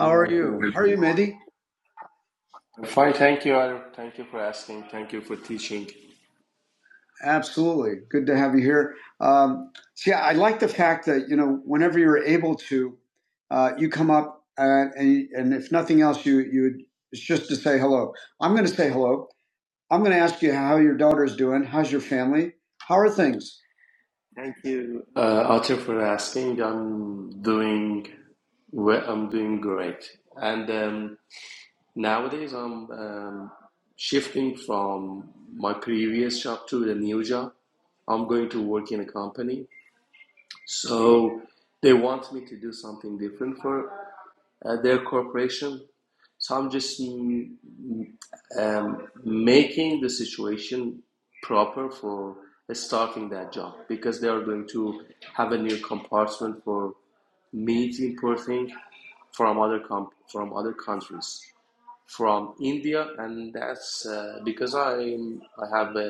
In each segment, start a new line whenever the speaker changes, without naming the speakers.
You too. fine. Thank you, Arif. Thank you for asking. Thank you for teaching. Thank you, uh, Atif, for asking. I'm doing well. I'm doing great. And um, nowadays, I'm um, shifting from my previous job to the new job. I'm going to work in a company. So they want me to do something different for uh, their corporation. So I'm just mm, um, making the situation proper for starting that job because they are going to have a new compartment for meat importing from other com- from other countries, from India, and that's uh, because I I have a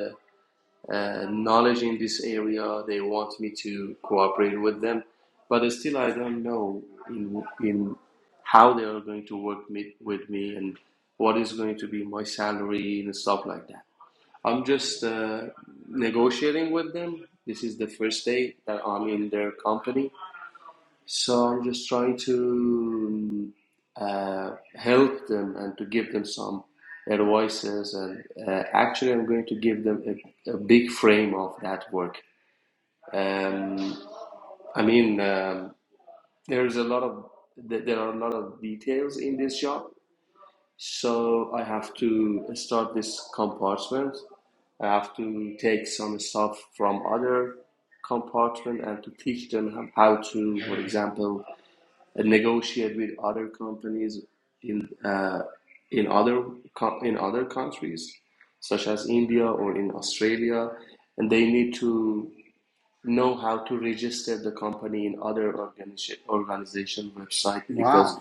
uh, knowledge in this area. They want me to cooperate with them, but still I don't know in in how they are going to work me, with me and what is going to be my salary and stuff like that. I'm just uh, negotiating with them. This is the first day that I'm in their company so I'm just trying to um, uh, help them and to give them some advices. And uh, actually, I'm going to give them a, a big frame of that work. Um, I mean, um, there is a lot of there are a lot of details in this job. So I have to start this compartment. I have to take some stuff from other compartment and to teach them how to, for example, uh, negotiate with other companies in uh, in other in other countries, such as India or in Australia, and they need to know how to register the company in other organization organization website because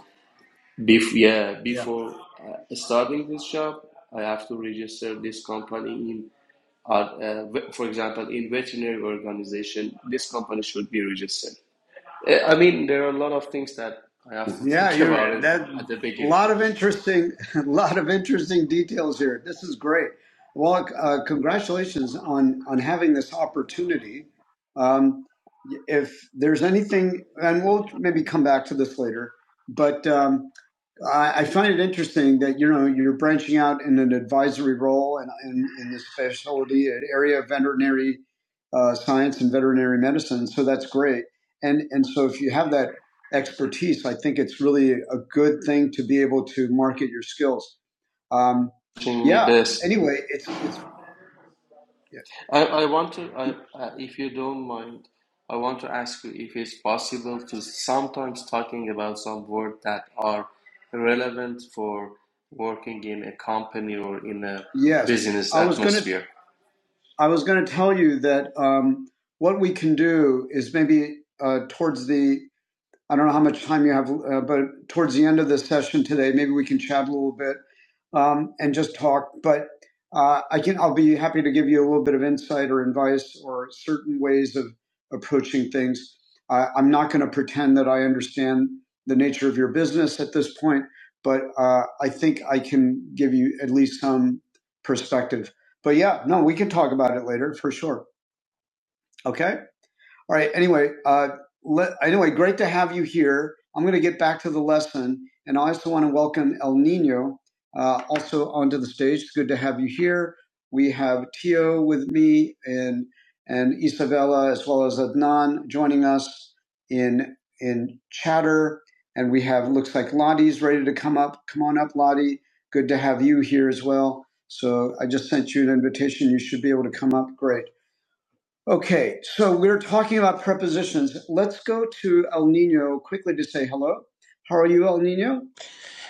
bef- yeah before uh, starting this job I have to register this company in uh, uh, for example in veterinary organization this company should be registered Eh, I mean, there are a lot of things that I have to think about it at the beginning. Teaching me this. I, I want to, I, uh, if you don't mind, I want to ask you if it's possible to sometimes talking about some words that are relevant for working in a company or in a business atmosphere.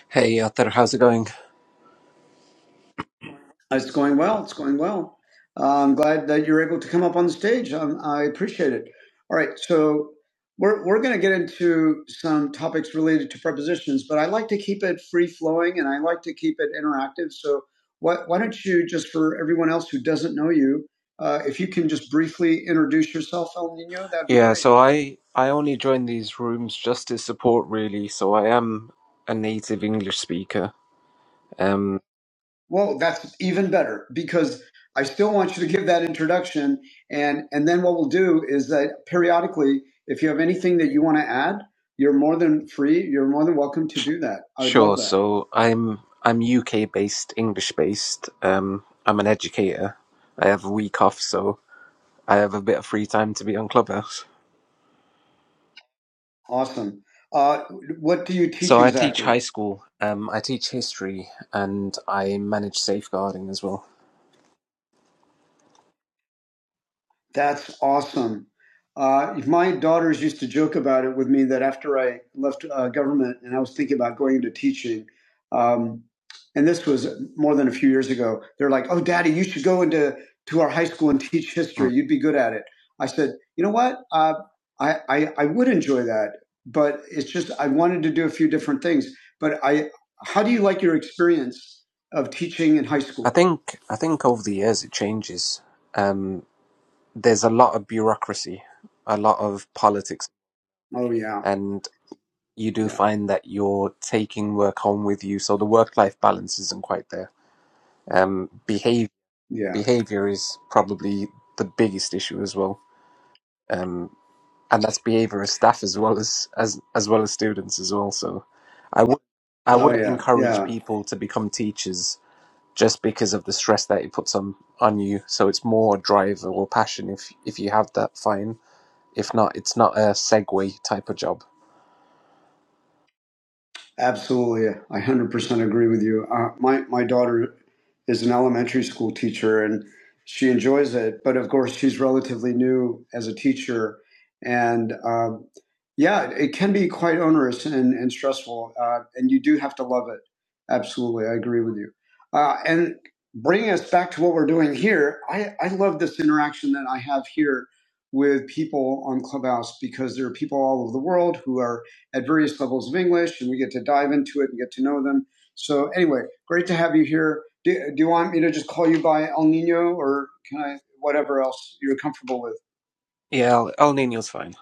Hey Arthur, how's it going? Yeah, so I I only join these rooms just to support really, so I am a native English speaker. Um sure, so I'm I'm UK based, English based. Um I'm an educator. I have a week off, so I have a bit of free time to be on Clubhouse. So I teach high school. Um I teach history and I manage safeguarding as well. Mm. I think I think over the years it changes. Um there's a lot of bureaucracy, a lot of politics, and you do find that you're taking work home with you, so the work-life balance isn't quite there. Um, behavior behavior is probably the biggest issue as well, um, and that's behavior of staff as well as as as well as students as well. So, I would I wouldn't encourage people to become teachers just because of the stress that it puts on on you. So it's more drive or passion if if you have that, fine If not, it's not a segue type of job. Yeah, El, El Nino's fine.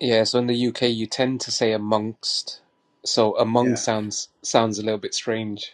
Yeah, so in the UK you tend to say amongst. So among sounds sounds a little bit strange.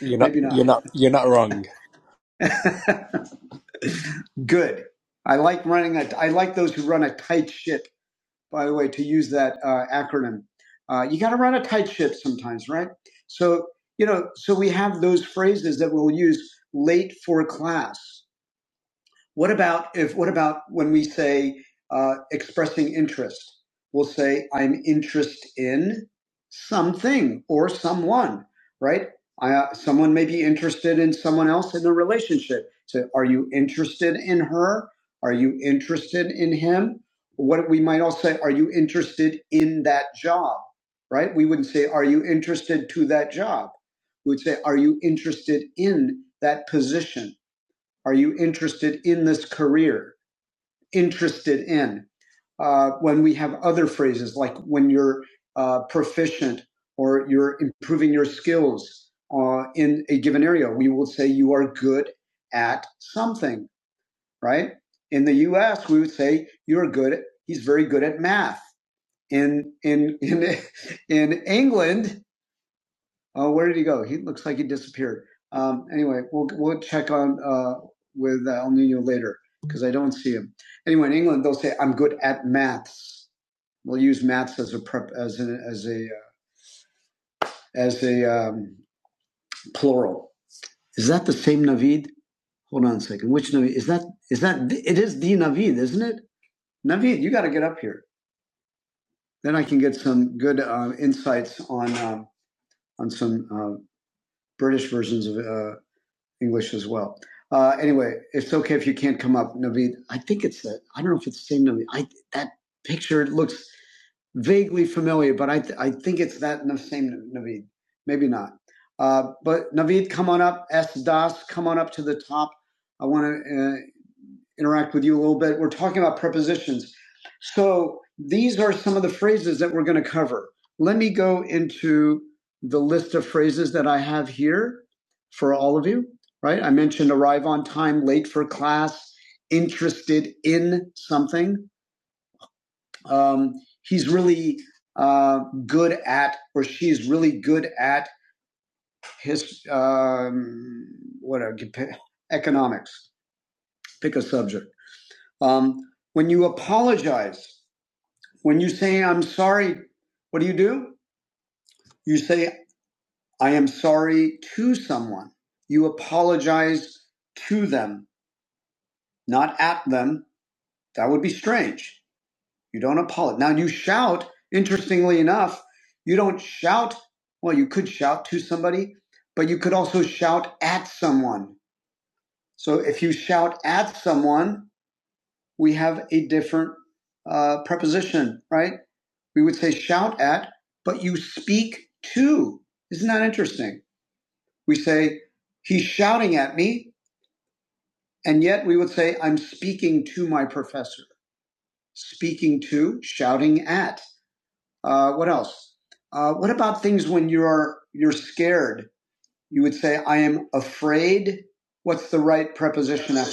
You're not you're not you're not wrong.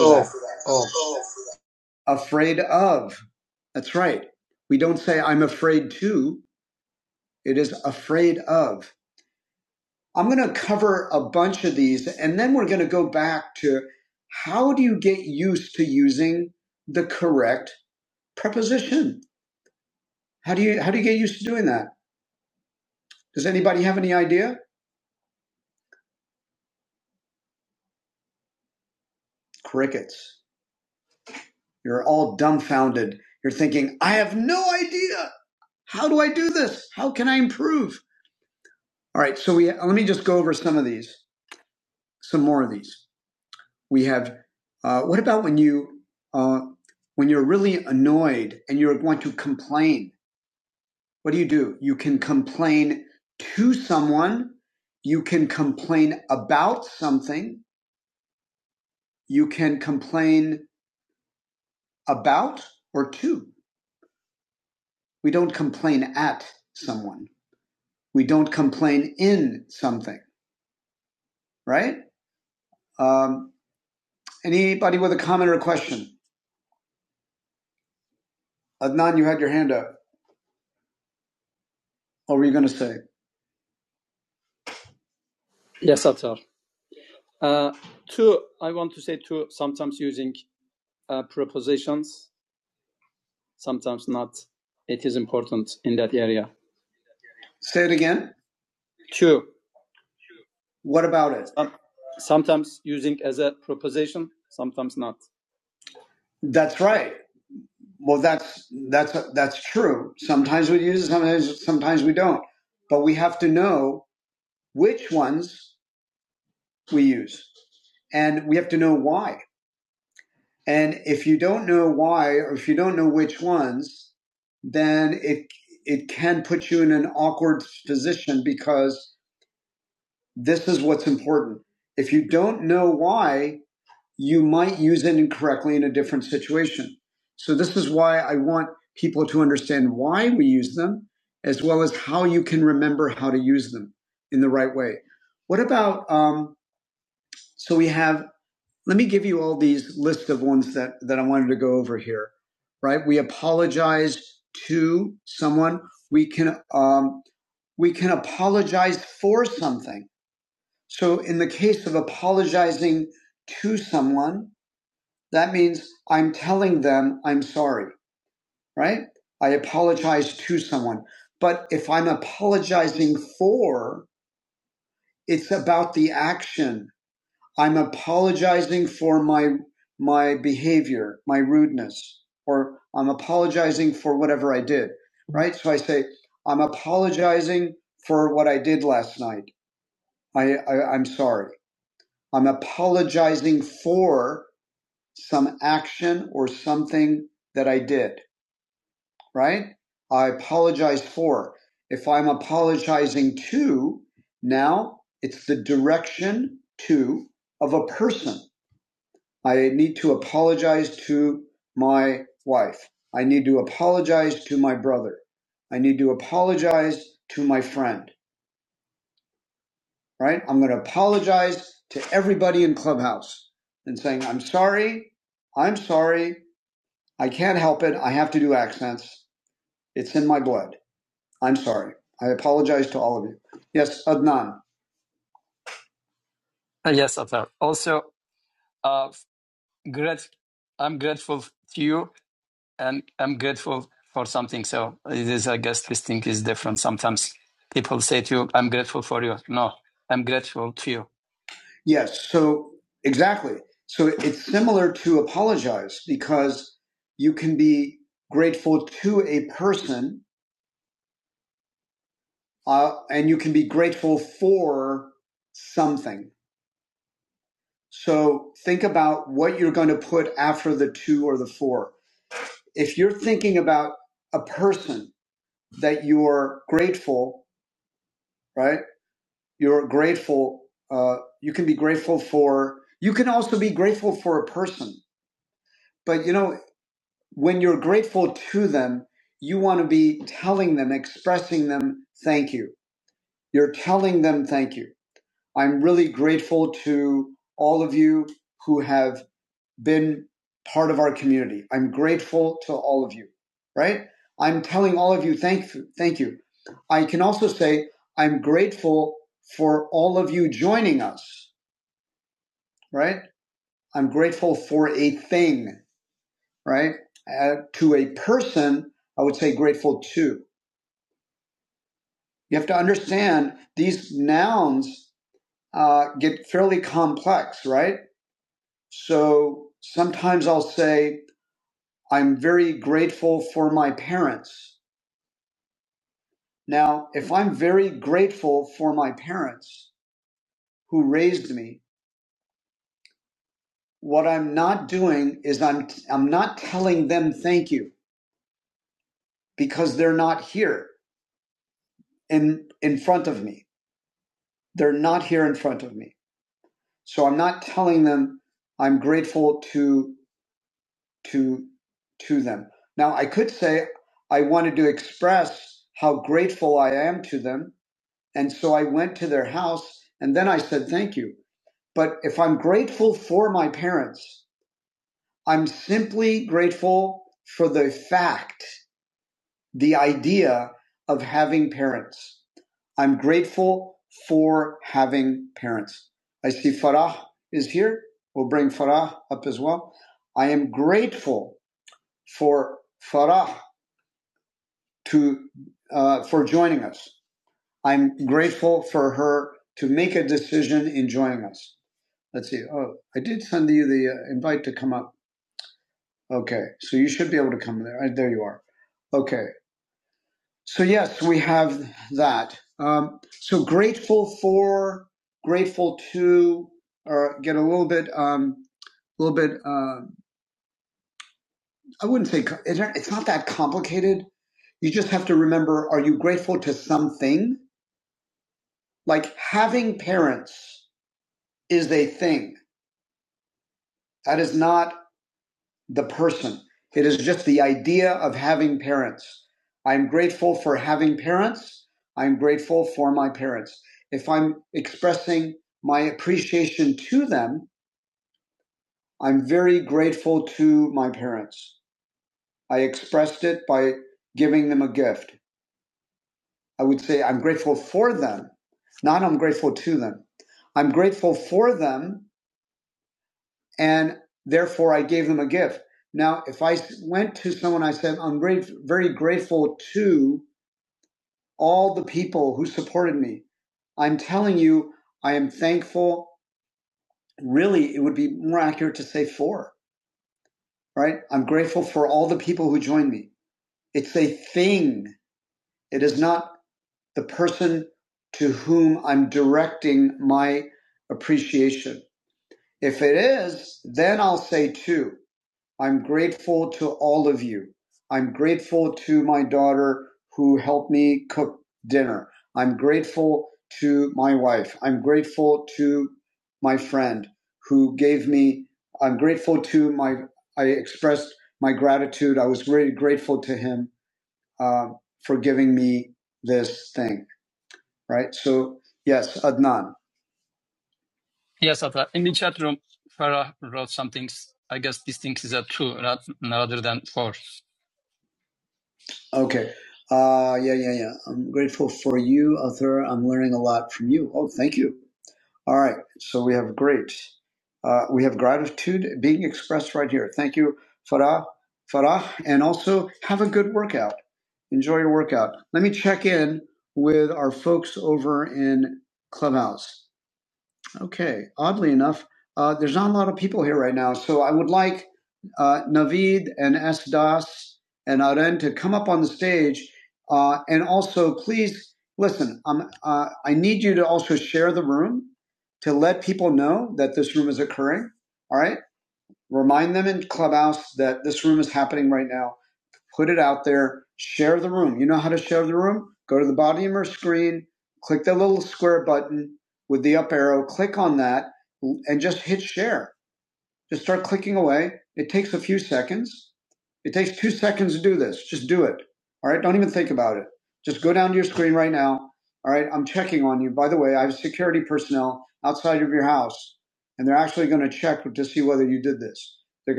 Off, off.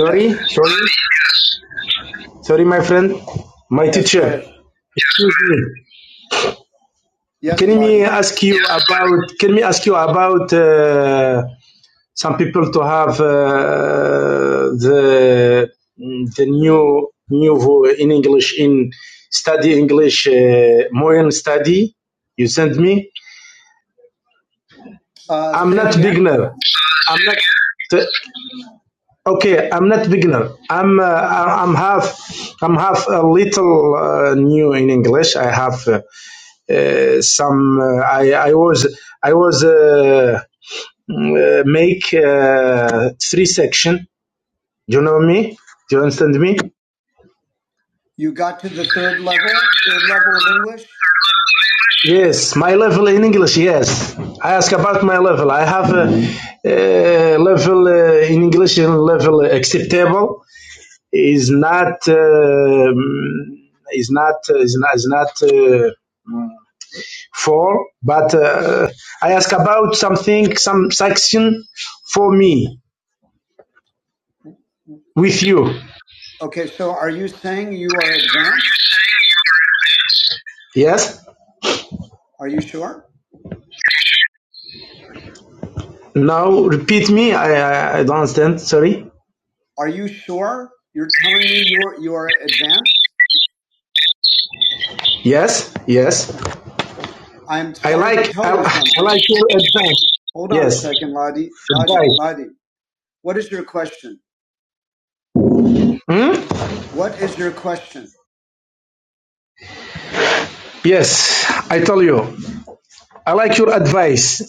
Sorry, sorry, sorry, my friend, my teacher. Excuse me. Can me ask you about? Can me ask you about uh, some people to have uh, the the new new in English in study English uh, modern study? You sent me. I'm not beginner. I'm not. Okay, I'm not beginner. I'm uh, I- I'm half I'm half a little uh, new in English. I have uh, uh, some. Uh, I I was I was uh, mm, uh, make uh, three section. Do you know me? Do you understand me? Yes, my level in English. Yes, I ask about my level. I have a, uh level uh, in English and level acceptable is not. um is not is not is not uh, for, but uh, I ask about something, some section for me with you. Yes. Now repeat me. I I, I don't understand. Sorry. Yes. Yes. I like I, I like your advice. Yes. a Yes, I tell you, I like your advice.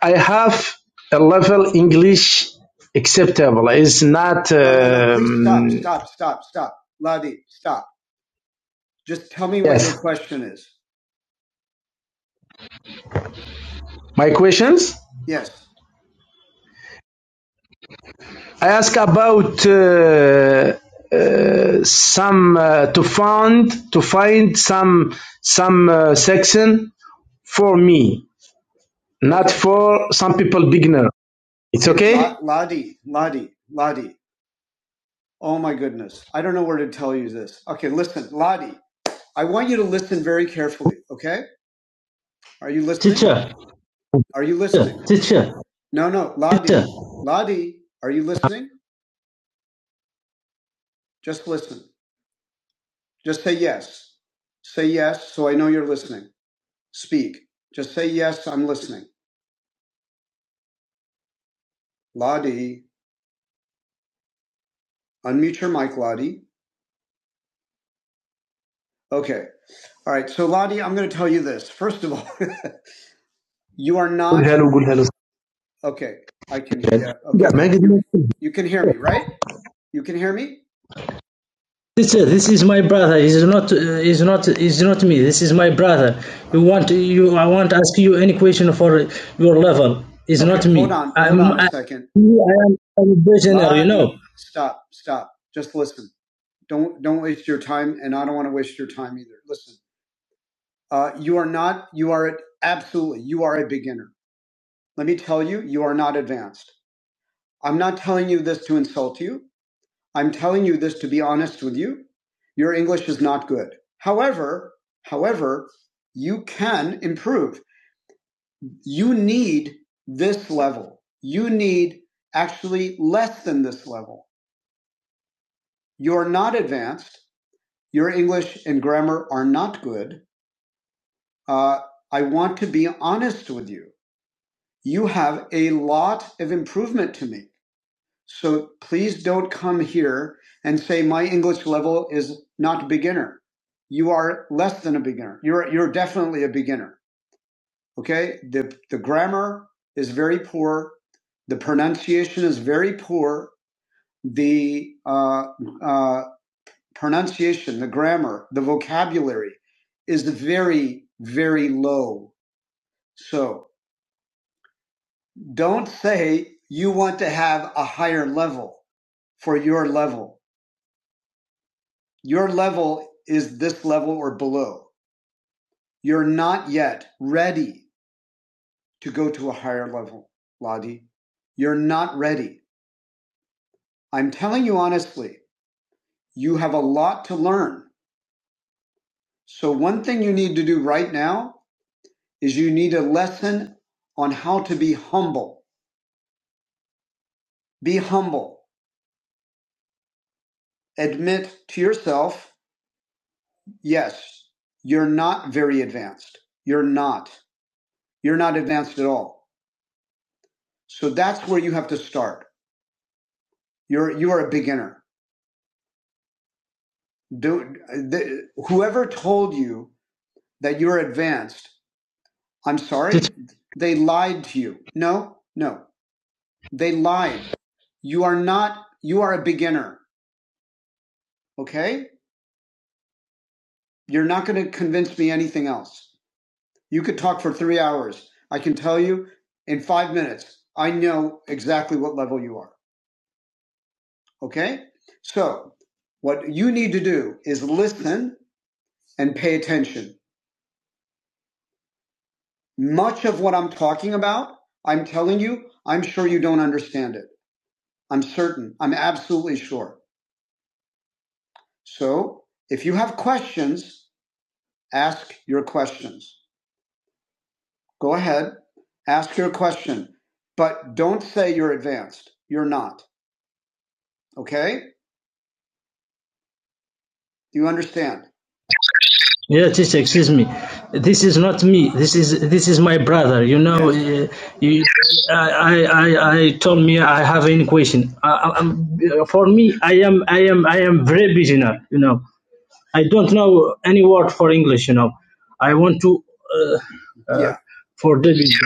I have a level English acceptable. It's not. Um, Um, Yes. what My questions I ask about uh, uh, some uh, to find to find some some uh, section for me, not Okay. for some people beginner. It's Okay, okay. Teacher, teacher, teacher. Teacher. Good hello, good hello. Yeah, Sister, this is my brother. He's not. Uh, he's not. He's not me. This is my brother. You want you? I want not ask you any question for your level. It's Okay, not me. I'm. I, I I am a prisoner. You know. Yeah, teacher, excuse me. This is not me. This is this is my brother. You know, Yes. uh, you, I, I I told me I have any question. I, I, for me, I am I am I am very beginner. You know, I don't know any word for English, you know. I want to uh, forgive you.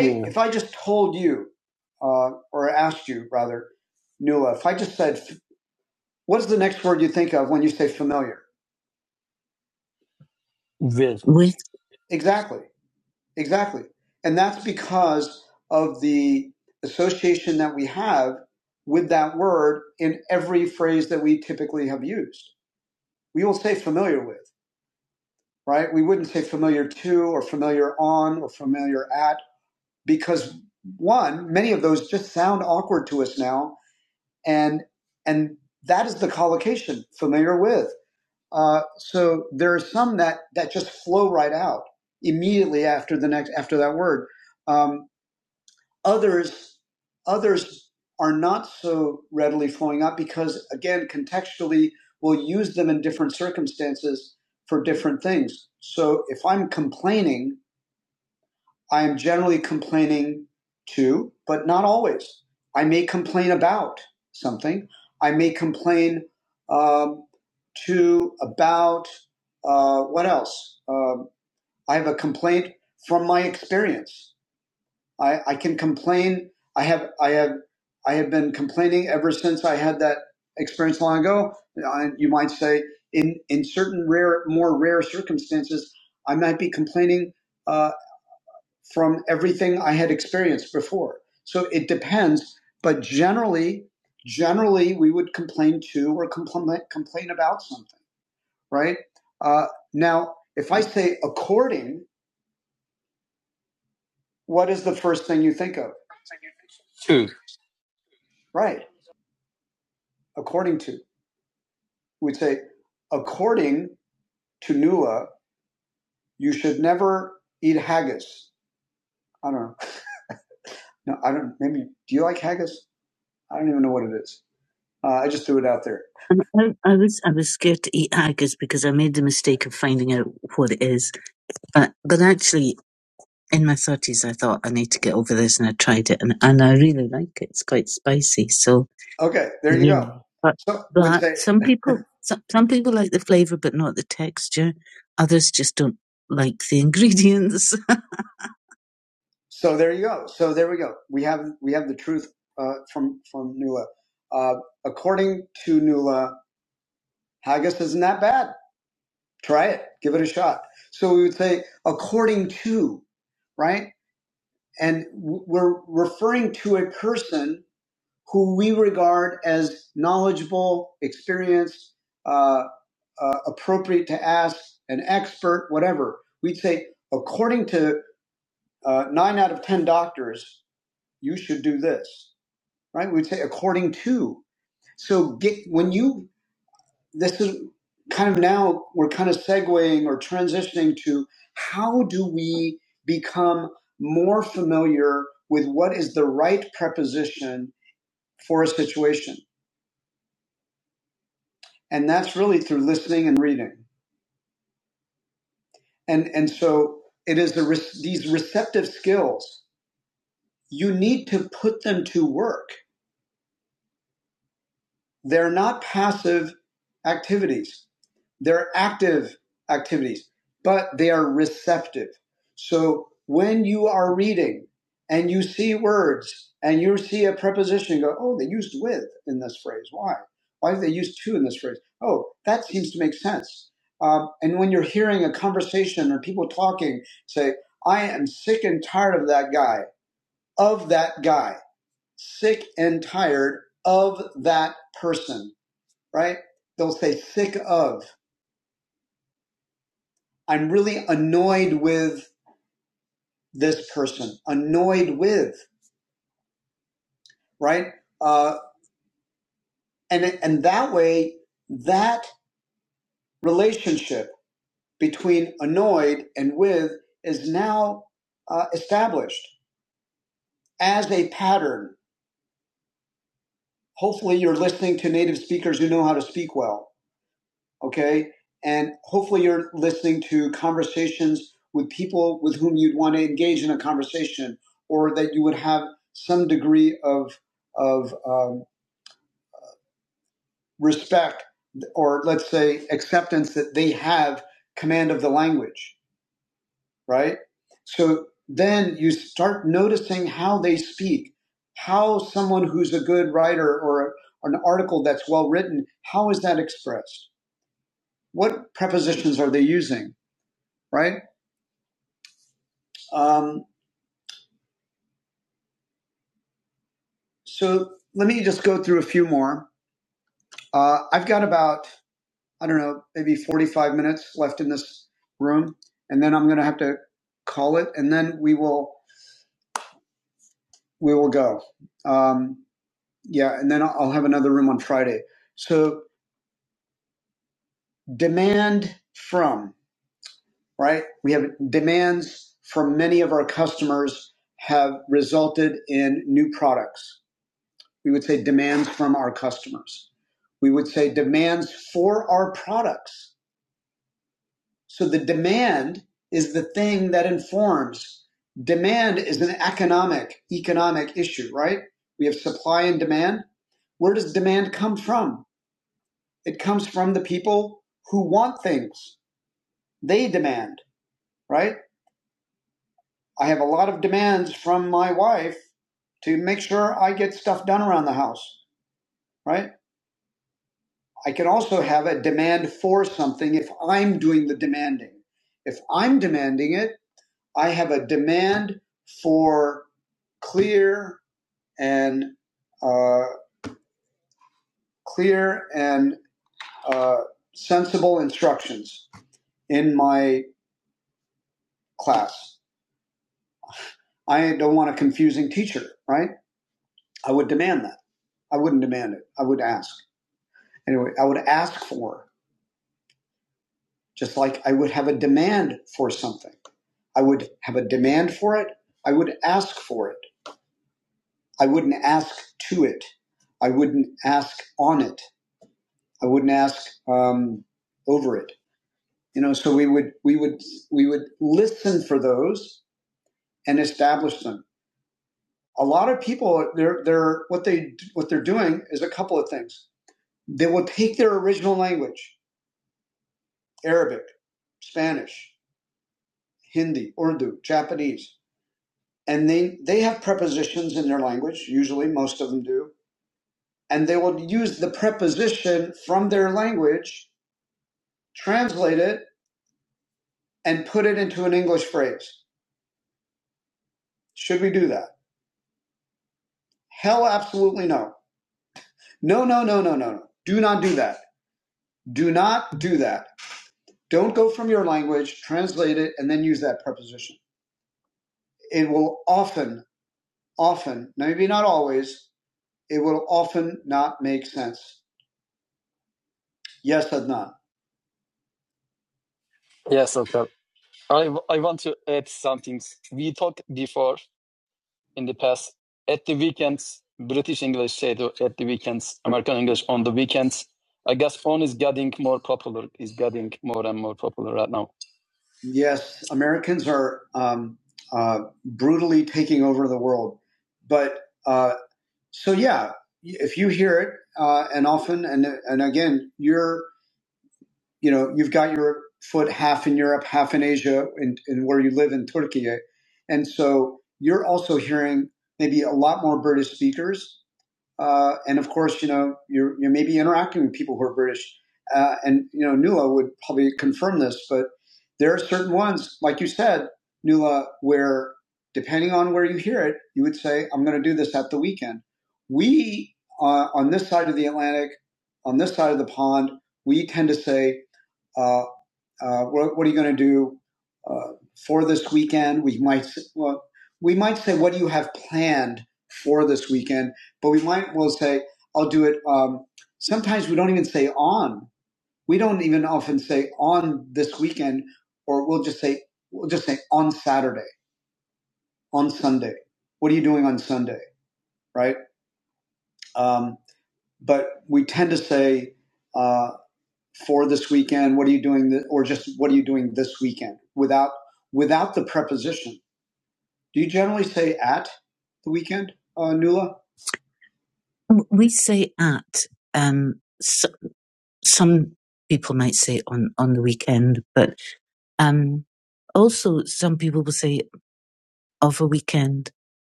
Yeah.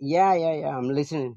Yeah, yeah, yeah. I'm listening.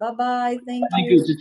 bye bye. Thank thank you, you